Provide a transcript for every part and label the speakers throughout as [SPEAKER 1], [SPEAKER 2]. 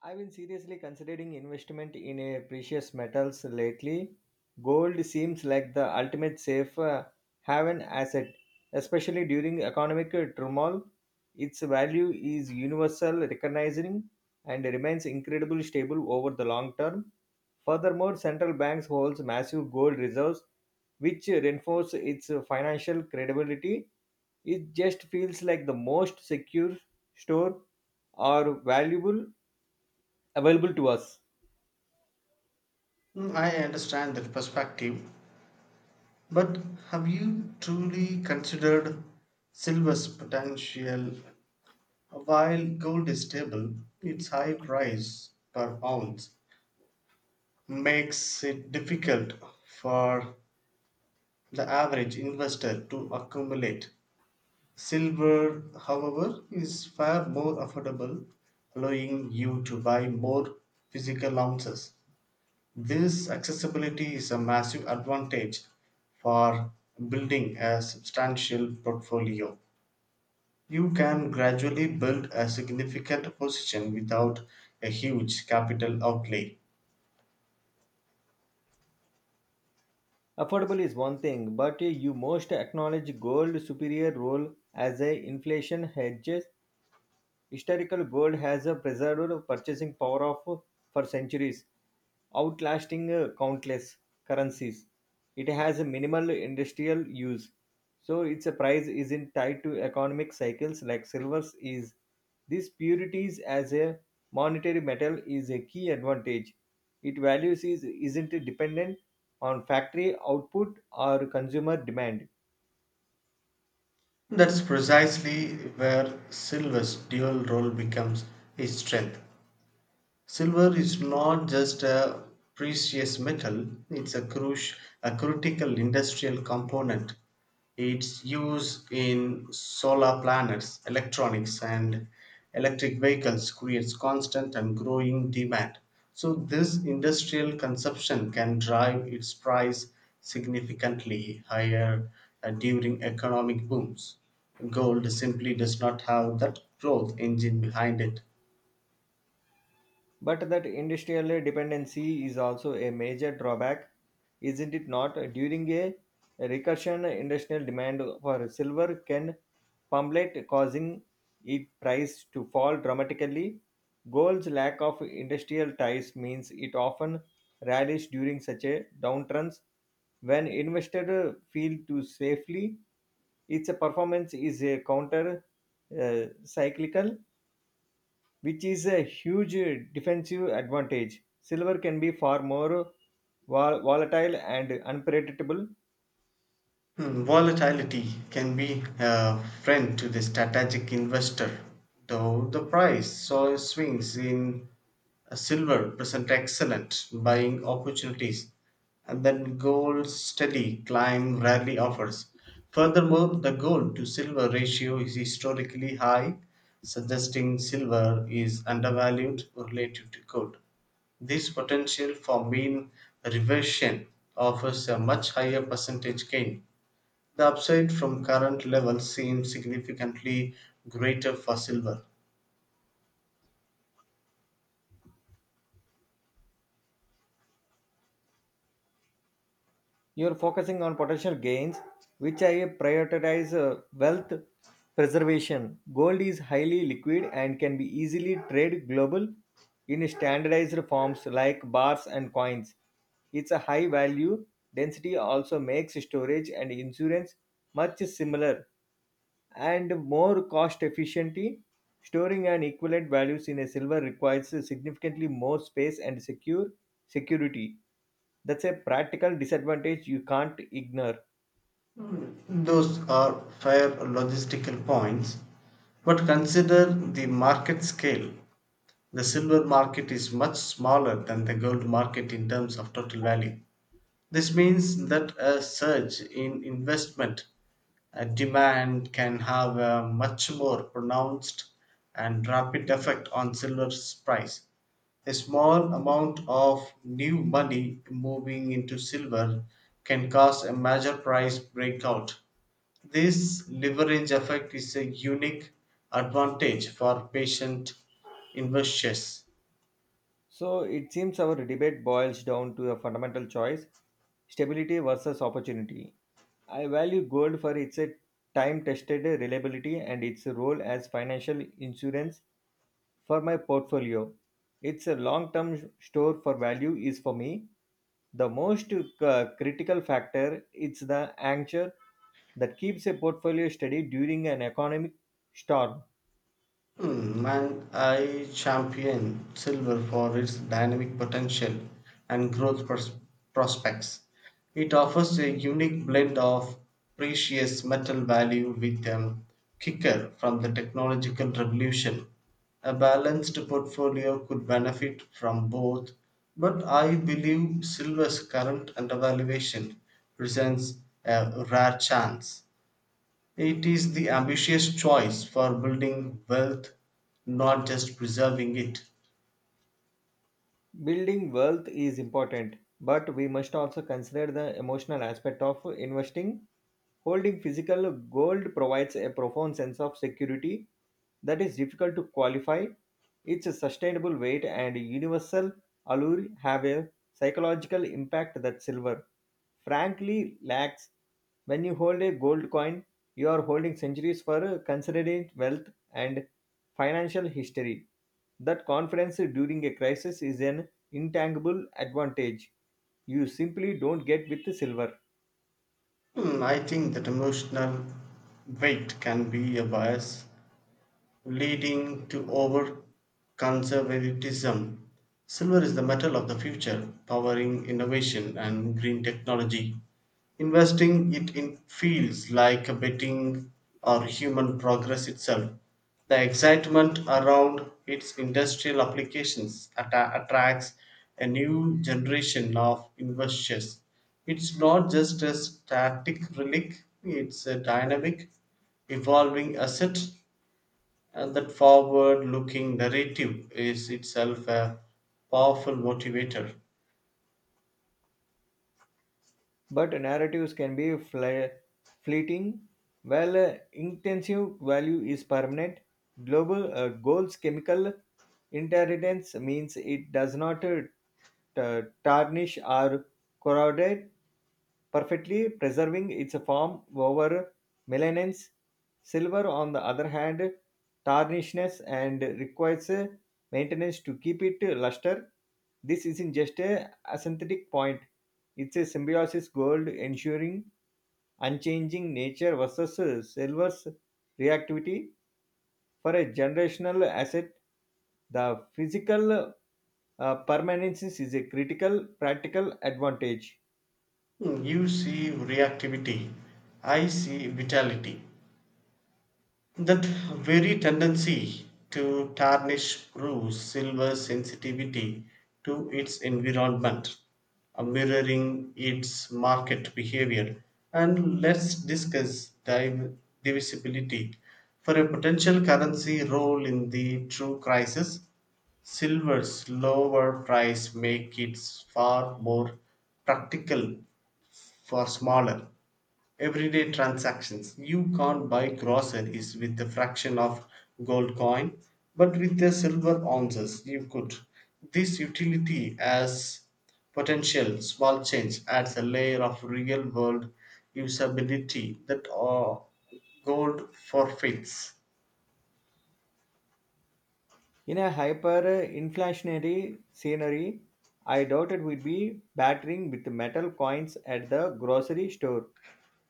[SPEAKER 1] I've been seriously considering investment in a precious metals lately. Gold seems like the ultimate safe haven asset, especially during economic turmoil. Its value is universal, recognizing, and remains incredibly stable over the long term. Furthermore, central banks holds massive gold reserves, which reinforce its financial credibility. It just feels like the most secure store or valuable available to us.
[SPEAKER 2] Mm, I understand that perspective, but have you truly considered silver's potential? While gold is stable, its high price per ounce makes it difficult for the average investor to accumulate. Silver, however, is far more affordable, allowing you to buy more physical ounces. This accessibility is a massive advantage for building a substantial portfolio. You can gradually build a significant position without a huge capital outlay.
[SPEAKER 1] Affordable is one thing, but you must acknowledge gold superior role as a inflation hedge. Historical gold has a preserved purchasing power of for centuries, outlasting countless currencies. It has a minimal industrial use, so its price isn't tied to economic cycles like silver's is. This purities as a monetary metal is a key advantage. Its values is isn't dependent on factory output or consumer demand.
[SPEAKER 2] That's precisely where Silver's dual role becomes his strength. Silver is not just a precious metal, it's a, a critical industrial component. Its use in solar planets, electronics, and electric vehicles creates constant and growing demand. So, this industrial consumption can drive its price significantly higher during economic booms. Gold simply does not have that growth engine behind it.
[SPEAKER 1] But that industrial dependency is also a major drawback, isn't it not? During a recession, industrial demand for silver can plummet, causing its price to fall dramatically. Gold's lack of industrial ties means it often rallies during such a downturns. When investors feel too safely, its performance is a counter cyclical, which is a huge defensive advantage. Silver can be far more volatile and unpredictable.
[SPEAKER 2] Hmm, volatility can be a friend to the strategic investor, though the price saw swings in silver present excellent buying opportunities, and then gold's steady climb rarely offers. Furthermore, the gold to silver ratio is historically high, suggesting silver is undervalued relative to gold. This potential for mean reversion offers a much higher percentage gain. The upside from current levels seems significantly greater for silver.
[SPEAKER 1] You're focusing on potential gains, which I prioritize wealth preservation. Gold is highly liquid and can be easily traded global in standardized forms like bars and coins. Its a high value density also makes storage and insurance much similar and more cost efficiently. Storing and equivalent values in a silver requires significantly more space and secure security. That's a practical disadvantage you can't ignore.
[SPEAKER 2] Those are fair logistical points, but consider the market scale. The silver market is much smaller than the gold market in terms of total value. This means that a surge in investment demand can have a much more pronounced and rapid effect on silver's price. A small amount of new money moving into silver can cause a major price breakout. This leverage effect is a unique advantage for patient investors.
[SPEAKER 1] So it seems our debate boils down to a fundamental choice, stability versus opportunity. I value gold for its time tested reliability and its role as financial insurance. For my portfolio, it's a long term store for value is for me. The most critical factor is the anchor that keeps a portfolio steady during an economic storm.
[SPEAKER 2] Hmm, and I champion silver for its dynamic potential and prospects. It offers a unique blend of precious metal value with a kicker from the technological revolution. A balanced portfolio could benefit from both, but I believe silver's current undervaluation presents a rare chance. It is the ambitious choice for building wealth, not just preserving it.
[SPEAKER 1] Building wealth is important, but we must also consider the emotional aspect of investing. Holding physical gold provides a profound sense of security that is difficult to qualify. Its sustainable weight and universal allure have a psychological impact that silver, frankly, lacks. When you hold a gold coin, you are holding centuries for considered wealth and financial history. That confidence during a crisis is an intangible advantage you simply don't get with silver.
[SPEAKER 2] Hmm, I think that emotional weight can be a bias, leading to over conservatism. Silver is the metal of the future, powering innovation and green technology. Investing it in feels like betting on human progress itself. The excitement around its industrial applications attracts a new generation of investors. It's not just a static relic, it's a dynamic, evolving asset, and that forward looking narrative is itself a powerful motivator.
[SPEAKER 1] But narratives can be fleeting, while intensive value is permanent. Global goals chemical inheritance means it does not tarnish or corroded, perfectly preserving its form over millennia. Silver, on the other hand, tarnishes and requires maintenance to keep it luster. This isn't just a synthetic point. It's a symbiosis gold ensuring unchanging nature versus silver's reactivity for a generational asset. The physical permanence is a critical practical advantage.
[SPEAKER 2] Hmm, you see reactivity, I see vitality. That very tendency to tarnish proves silver's sensitivity to its environment, mirroring its market behavior. And let's discuss divisibility. For a potential currency role in the true crisis, silver's lower price makes it far more practical for smaller everyday transactions. You can't buy groceries with a fraction of gold coin, but with the silver ounces you could. This utility as potential small change adds a layer of real world usability that gold forfeits.
[SPEAKER 1] In a hyper inflationary scenery, I doubt it would be battering with metal coins at the grocery store.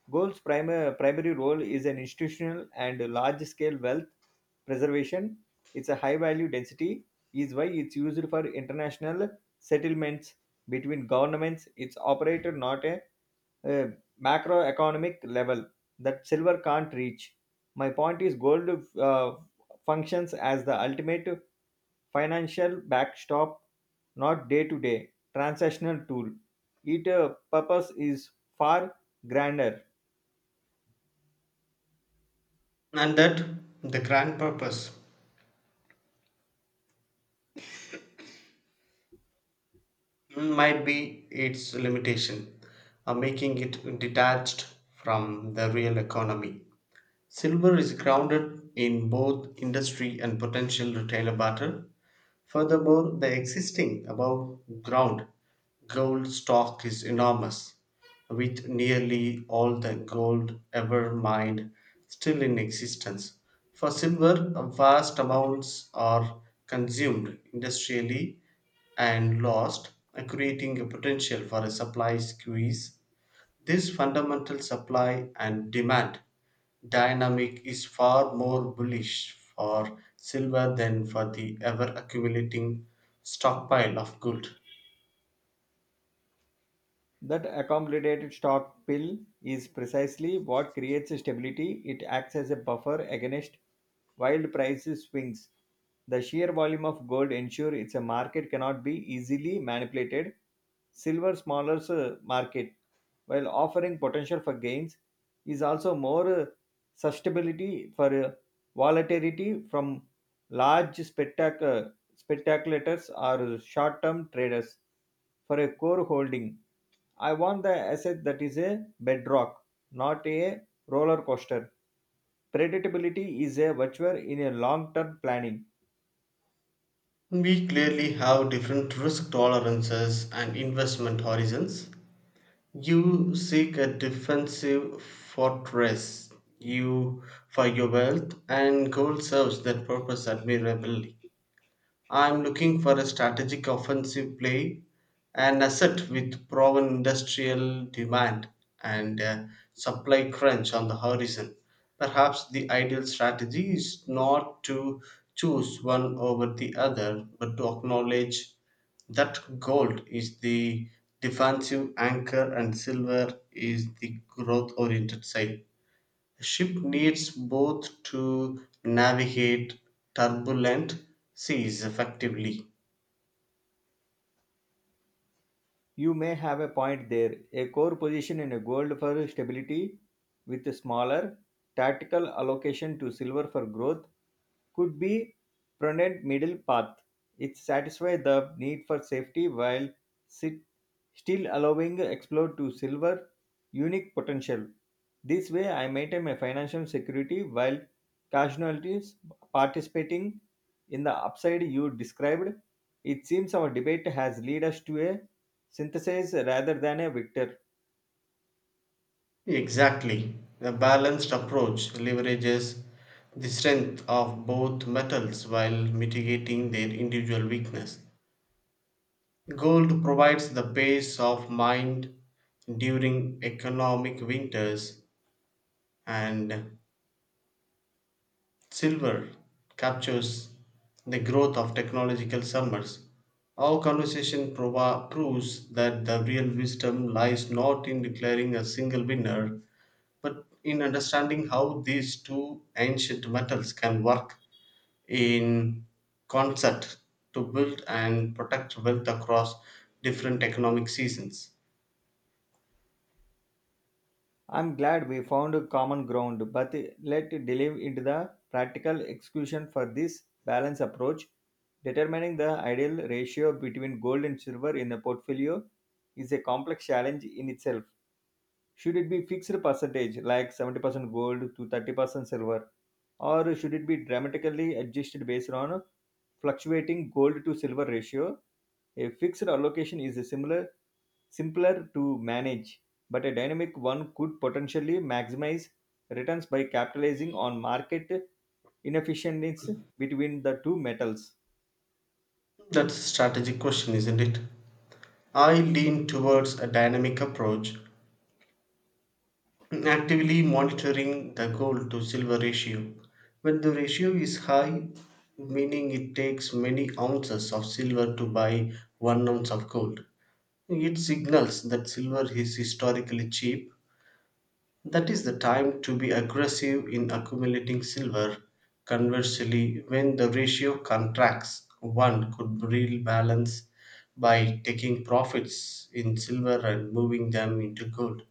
[SPEAKER 1] Gold's primary role is an institutional and large-scale wealth preservation. Its a high-value density is why it's used for international settlements between governments. It's operated not a, uh macroeconomic level that silver can't reach. My point is, gold uh, functions as the ultimate financial backstop, not day-to-day transactional tool. Its purpose is far grander.
[SPEAKER 2] And that the grand purpose, mm, might be its limitation, making it detached from the real economy. Silver is grounded in both industry and potential retailer barter. Furthermore, the existing above ground gold stock is enormous, with nearly all the gold ever mined still in existence. For silver, vast amounts are consumed industrially and lost, creating a potential for a supply squeeze. This fundamental supply and demand dynamic is far more bullish for silver than for the ever accumulating stockpile of gold.
[SPEAKER 1] That accommodated stock pill is precisely what creates stability. It acts as a buffer against wild price swings. The sheer volume of gold ensures its market cannot be easily manipulated. Silver's smaller market, while offering potential for gains, is also more susceptibility for volatility from large speculators or short-term traders. For a core holding, I want the asset that is a bedrock, not a roller coaster. Predictability is a virtue in a long term planning.
[SPEAKER 2] We clearly have different risk tolerances and investment horizons. You seek a defensive fortress you for your wealth, and gold serves that purpose admirably. I'm looking for a strategic offensive play, an asset with proven industrial demand and a supply crunch on the horizon. Perhaps the ideal strategy is not to choose one over the other, but to acknowledge that gold is the defensive anchor and silver is the growth oriented side. A ship needs both to navigate turbulent seas effectively.
[SPEAKER 1] You may have a point there. A core position in a gold for stability with a smaller tactical allocation to silver for growth could be prudent middle path. It satisfies the need for safety while sit, still allowing explore to silver unique potential. This way, I maintain my financial security while casualties participating in the upside you described. It seems our debate has led us to a synthesize rather than a victor.
[SPEAKER 2] Exactly. A balanced approach leverages the strength of both metals while mitigating their individual weakness. Gold provides the base of mind during economic winters, and Silver captures the growth of technological summers. Our conversation proves that the real wisdom lies not in declaring a single winner, but in understanding how these two ancient metals can work in concert to build and protect wealth across different economic seasons.
[SPEAKER 1] I'm glad we found a common ground, but let delve into the practical execution for this balance approach. Determining the ideal ratio between gold and silver in a portfolio is a complex challenge in itself. Should it be fixed percentage like 70% gold to 30% silver, or should it be dramatically adjusted based on fluctuating gold to silver ratio? A fixed allocation is a similar simpler to manage, but a dynamic one could potentially maximize returns by capitalizing on market inefficiencies between the two metals.
[SPEAKER 2] That's a strategic question, isn't it? I lean towards a dynamic approach, actively monitoring the gold to silver ratio. When the ratio is high, meaning it takes many ounces of silver to buy 1 ounce of gold, it signals that silver is historically cheap. That is the time to be aggressive in accumulating silver. Conversely, when the ratio contracts, one could real balance by taking profits in silver and moving them into gold.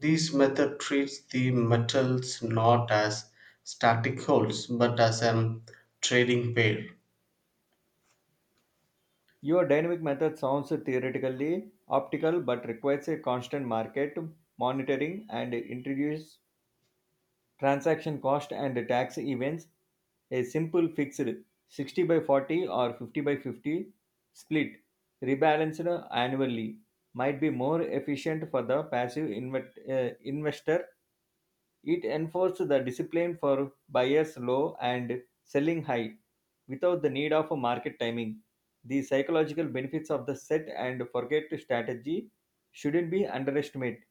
[SPEAKER 2] This method treats the metals not as static wholes but as a trading pair.
[SPEAKER 1] Your dynamic method sounds theoretically optical but requires a constant market monitoring and introduce transaction cost and tax events. A simple fixed 60 by 40 or 50 by 50 split rebalanced annually might be more efficient for the passive investor. It enforces the discipline for buyers low and selling high without the need of a market timing. The psychological benefits of the set and forget strategy shouldn't be underestimated.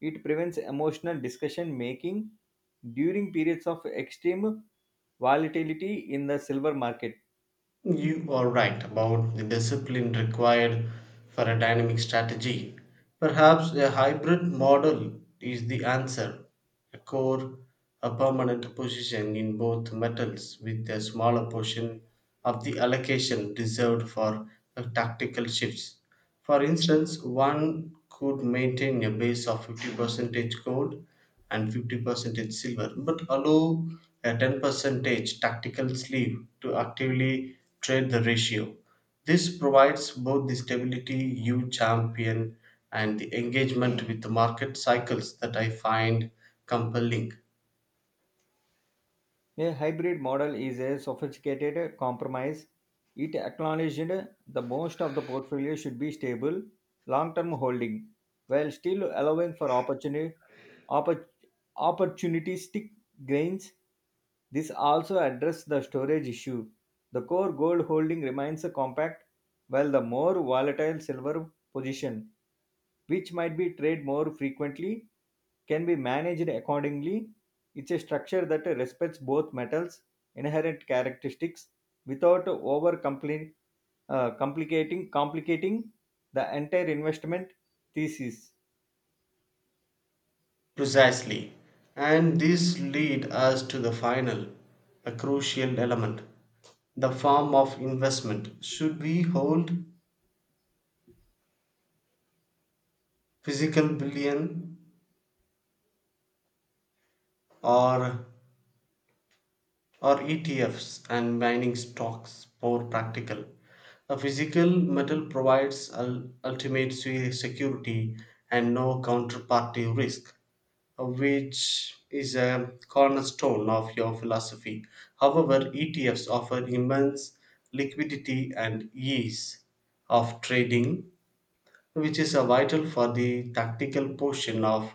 [SPEAKER 1] It prevents emotional discussion making during periods of extreme volatility in the silver market.
[SPEAKER 2] You are right about the discipline required for a dynamic strategy. Perhaps a hybrid model is the answer. A core, a permanent position in both metals with a smaller portion of the allocation reserved for tactical shifts. For instance, one could maintain a base of 50% gold and 50% silver, but allow a 10% tactical sleeve to actively trade the ratio. This provides both the stability you champion and the engagement with the market cycles that I find compelling.
[SPEAKER 1] A hybrid model is a sophisticated compromise. It acknowledged the most of the portfolio should be stable, long-term holding, while still allowing for opportunity, oppor- opportunistic gains. This also addressed the storage issue. The core gold holding remains compact, while the more volatile silver position, which might be traded more frequently, can be managed accordingly. It's a structure that respects both metals' inherent characteristics without over compli- complicating complicating the entire investment thesis.
[SPEAKER 2] Precisely. And this lead us to the final, a crucial element, the form of investment. Should we hold physical bullion or, or ETFs and mining stocks more practical? A physical metal provides ultimate security and no counterparty risk, which is a cornerstone of your philosophy. However, ETFs offer immense liquidity and ease of trading, which is a vital for the tactical portion of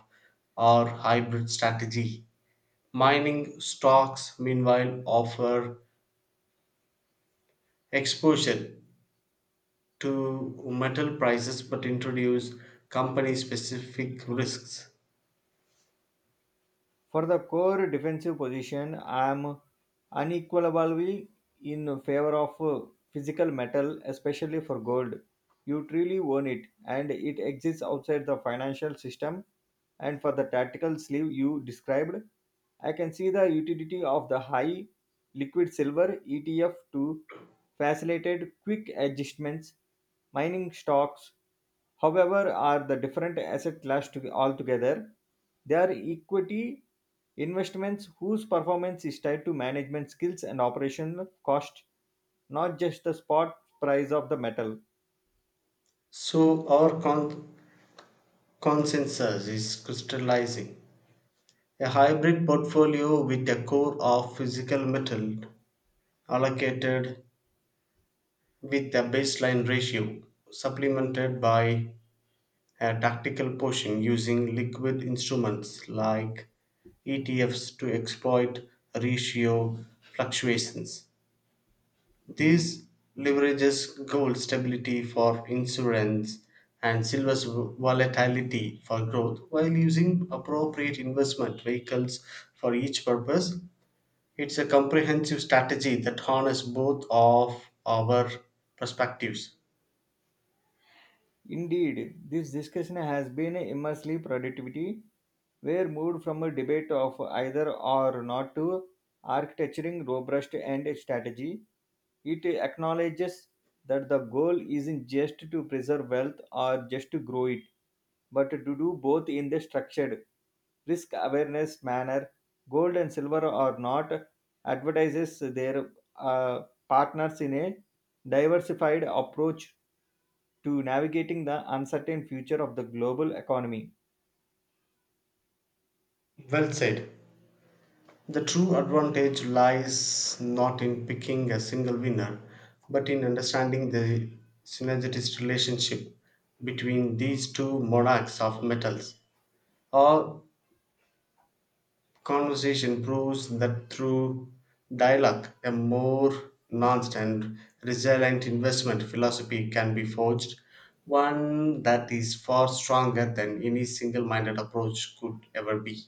[SPEAKER 2] our hybrid strategy. Mining stocks, meanwhile, offer exposure to metal prices but introduce company specific risks.
[SPEAKER 1] For the core defensive position, I am unequally in favor of physical metal, especially for gold. You truly own it, and it exists outside the financial system. And for the tactical sleeve you described, I can see the utility of the high liquid silver ETF to facilitate quick adjustments. Mining stocks, however are the different asset class to, altogether they are equity investments whose performance is tied to management skills and operational cost, not just the spot price of the metal.
[SPEAKER 2] So, our consensus is crystallizing. A hybrid portfolio with a core of physical metal allocated with a baseline ratio, supplemented by a tactical portion using liquid instruments like ETFs to exploit ratio fluctuations. This leverages gold stability for insurance and silver's volatility for growth while using appropriate investment vehicles for each purpose. It's a comprehensive strategy that harnesses both of our perspectives.
[SPEAKER 1] Indeed, this discussion has been immensely productivity. We're moved from a debate of either or not to architecturing robust and strategy. It acknowledges that the goal isn't just to preserve wealth or just to grow it, but to do both in the structured, risk awareness manner. Gold and silver are not advertises their uh, partners in a diversified approach to navigating the uncertain future of the global economy.
[SPEAKER 2] Well said. The true advantage lies not in picking a single winner, but in understanding the synergistic relationship between these two monarchs of metals, or Conversation proves that through dialogue, a more nuanced and resilient investment philosophy can be forged, one that is far stronger than any single minded approach could ever be.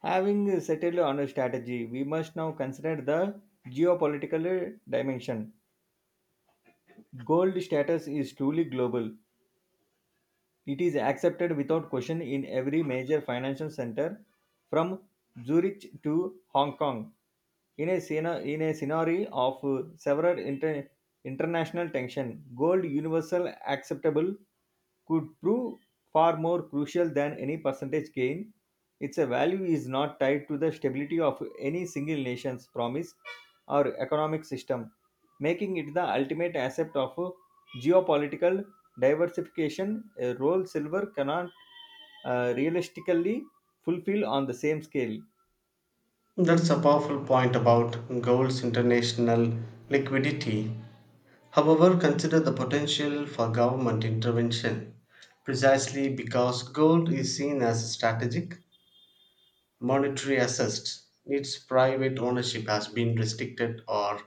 [SPEAKER 1] Having settled on a strategy, we must now consider the geopolitical dimension. Gold status is truly global. It is accepted without question in every major financial center from Zurich to Hong Kong. In a, in a scenario of several international tension, gold universal acceptable could prove far more crucial than any percentage gain. Its value is not tied to the stability of any single nation's promise or economic system, making it the ultimate asset of geopolitical diversification, a role silver cannot realistically fulfill on the same scale.
[SPEAKER 2] That's a powerful point about gold's international liquidity. However, consider the potential for government intervention. Precisely because gold is seen as strategic, monetary assets, its private ownership has been restricted or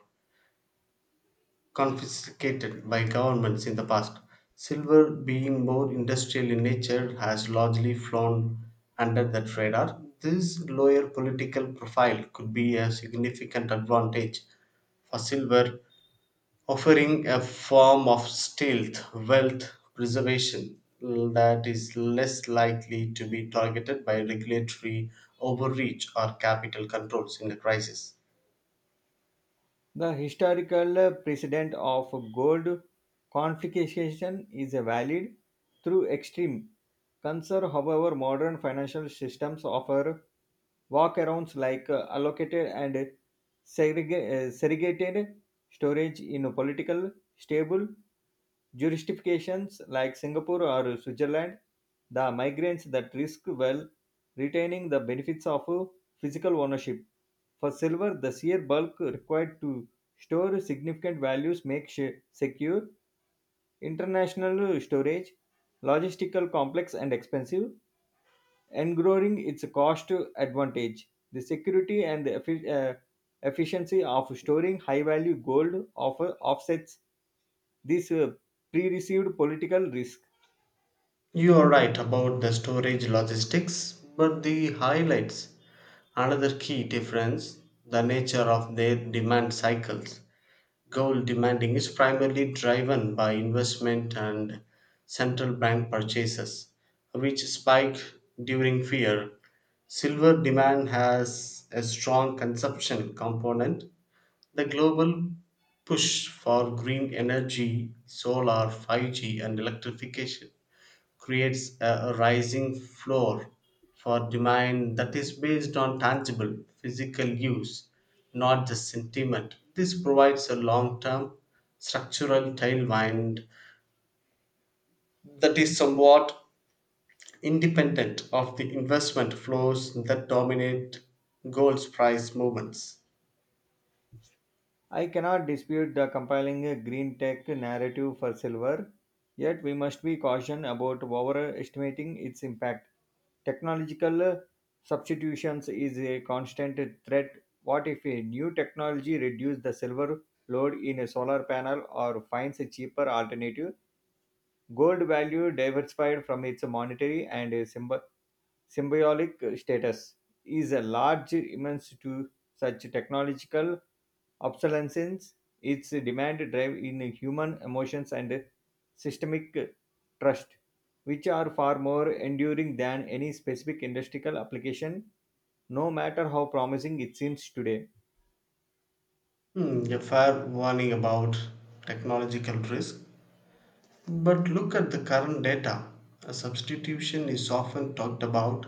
[SPEAKER 2] confiscated by governments in the past. Silver, being more industrial in nature, has largely flown under that radar. This lower political profile could be a significant advantage for silver, offering a form of stealth wealth preservation that is less likely to be targeted by regulatory overreach or capital controls in a crisis.
[SPEAKER 1] The historical precedent of gold confiscation is valid through extreme concern. However, modern financial systems offer walkarounds like allocated and segregated storage in a political stable jurisdictions like Singapore or Switzerland the migrants that risk well retaining the benefits of physical ownership. For silver, the sheer bulk required to store significant values makes secure international storage logistical complex and expensive, engrowing its cost advantage. The security and the efficiency of storing high value gold offer offsets this pre received political risk.
[SPEAKER 2] You are right about the storage logistics, but the highlights another key difference, the nature of their demand cycles. Goal demanding is primarily driven by investment and central bank purchases, which spike during fear. Silver demand has a strong consumption component. The global push for green energy, solar, 5G, and electrification creates a, rising floor for demand that is based on tangible physical use, not just sentiment. This provides a long term structural tailwind that is somewhat independent of the investment flows that dominate gold's price movements.
[SPEAKER 1] I cannot dispute the compelling green tech narrative for silver, yet we must be cautious about overestimating its impact. Technological substitutions is a constant threat. What if a new technology reduces the silver load in a solar panel or finds a cheaper alternative? Gold value diversified from its monetary and symbolic status is a large immense to such technological obsolescence. Its demand drive in human emotions and systemic trust, which are far more enduring than any specific industrial application, no matter how promising it seems today.
[SPEAKER 2] Hmm, a fair warning about technological risk. But look at the current data. A substitution is often talked about,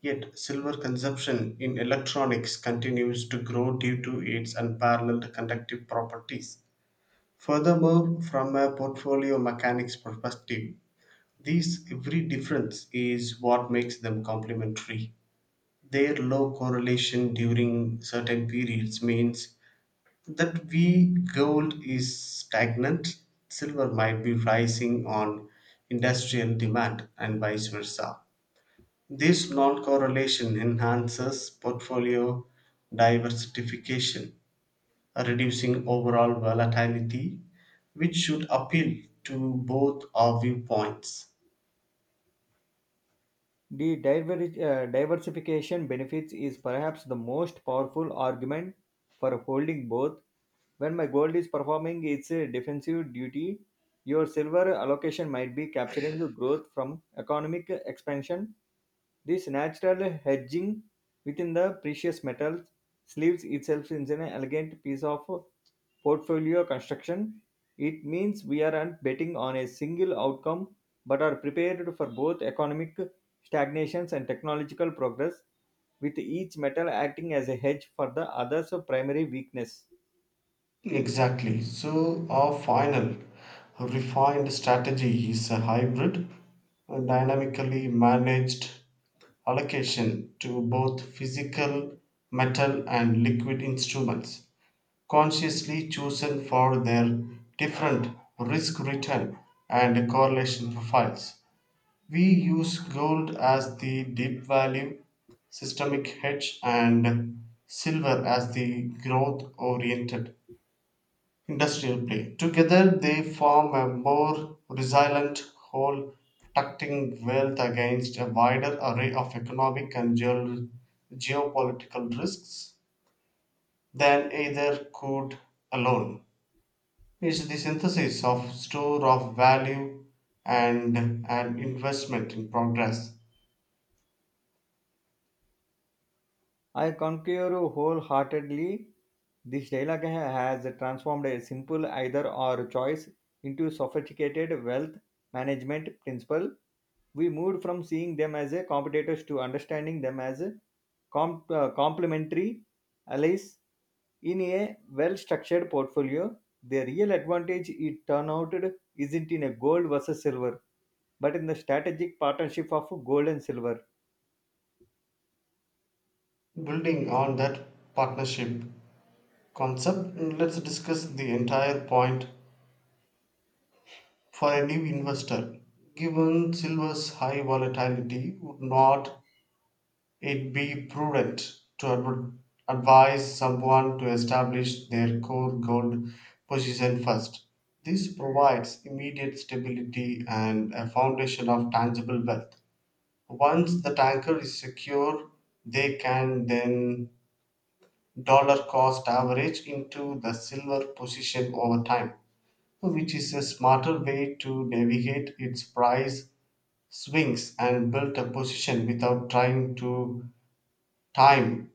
[SPEAKER 2] yet silver consumption in electronics continues to grow due to its unparalleled conductive properties. Furthermore, from a portfolio mechanics perspective, these every difference is what makes them complementary. Their low correlation during certain periods means that we gold is stagnant, silver might be rising on industrial demand and vice versa. This non correlation enhances portfolio diversification, reducing overall volatility, which should appeal to both our viewpoints.
[SPEAKER 1] The diversification benefits is perhaps the most powerful argument for holding both. When my gold is performing its defensive duty, your silver allocation might be capturing the growth from economic expansion. This natural hedging within the precious metals sleeves itself in an elegant piece of portfolio construction. It means we aren't betting on a single outcome but are prepared for both economic stagnations and technological progress, with each metal acting as a hedge for the other's primary weakness.
[SPEAKER 2] Exactly. So, our final refined strategy is a hybrid, a dynamically managed allocation to both physical, metal, and liquid instruments, consciously chosen for their different risk return and correlation profiles. We use gold as the deep value systemic hedge and silver as the growth oriented industrial play. Together, they form a more resilient whole, protecting wealth against a wider array of economic and geopolitical risks than either could alone. It's the synthesis of store of value and an investment in progress.
[SPEAKER 1] I concur wholeheartedly. This dialogue has transformed a simple either or choice into sophisticated wealth management principle. We moved from seeing them as a competitors to understanding them as a complementary allies in a well structured portfolio. The real advantage it turned out isn't in a gold versus silver, but in the strategic partnership of gold and silver.
[SPEAKER 2] Building on that partnership concept, let's discuss the entire point. For a new investor, given silver's high volatility, would not it be prudent to advise someone to establish their core gold position first? This provides immediate stability and a foundation of tangible wealth. Once the tanker is secure, they can then dollar cost average into the silver position over time, which is a smarter way to navigate its price swings and built a position without trying to time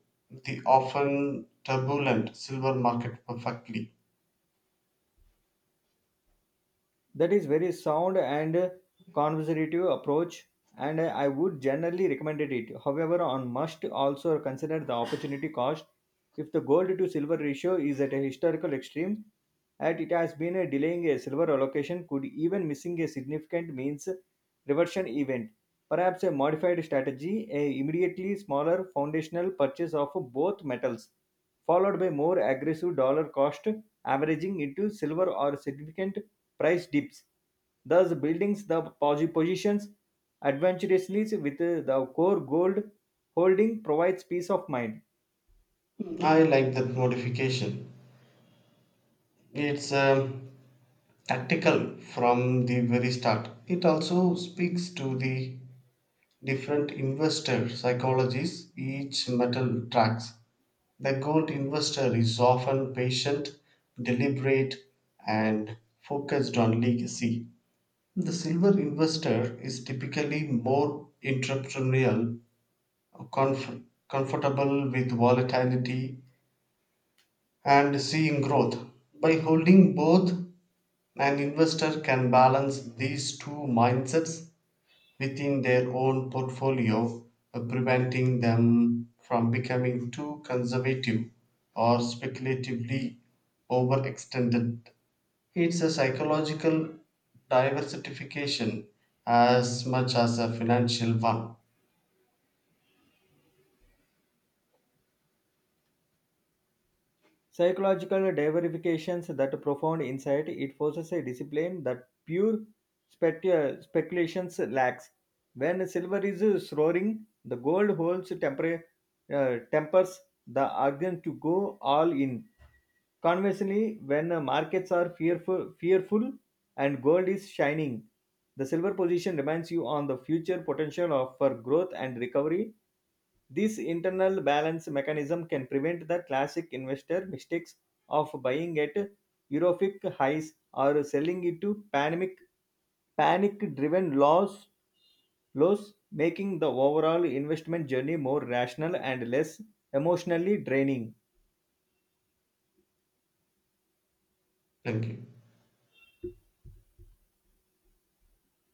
[SPEAKER 2] the often turbulent silver market perfectly.
[SPEAKER 1] That is very sound and conservative approach, and I would generally recommend it. However one must also consider the opportunity cost if the gold to silver ratio is at a historical extreme, and it has been a delaying a silver allocation could even missing a significant means reversion event. Perhaps a modified strategy, a immediately smaller foundational purchase of both metals, followed by more aggressive dollar cost averaging into silver or significant price dips, thus building the positions adventurously with the core gold holding provides peace of mind.
[SPEAKER 2] I like that modification. It's tactical from the very start. It also speaks to the different investor psychologies each metal tracks. The gold investor is often patient, deliberate, and focused on legacy. The silver investor is typically more entrepreneurial, comfortable with volatility, and seeing growth. By holding both, an investor can balance these two mindsets within their own portfolio, preventing them from becoming too conservative or speculatively overextended. It's a psychological diversification as much as a financial one.
[SPEAKER 1] Psychological diversifications that profound insight, it forces a discipline that pure speculations lacks. When silver is soaring, the gold holds temper, tempers the organ to go all in. Conversely, when markets are fearful and gold is shining, the silver position reminds you on the future potential of for growth and recovery. This internal balance mechanism can prevent the classic investor mistakes of buying at euphoric highs or selling into panic driven loss making the overall investment journey more rational and less emotionally draining.
[SPEAKER 2] Thank you.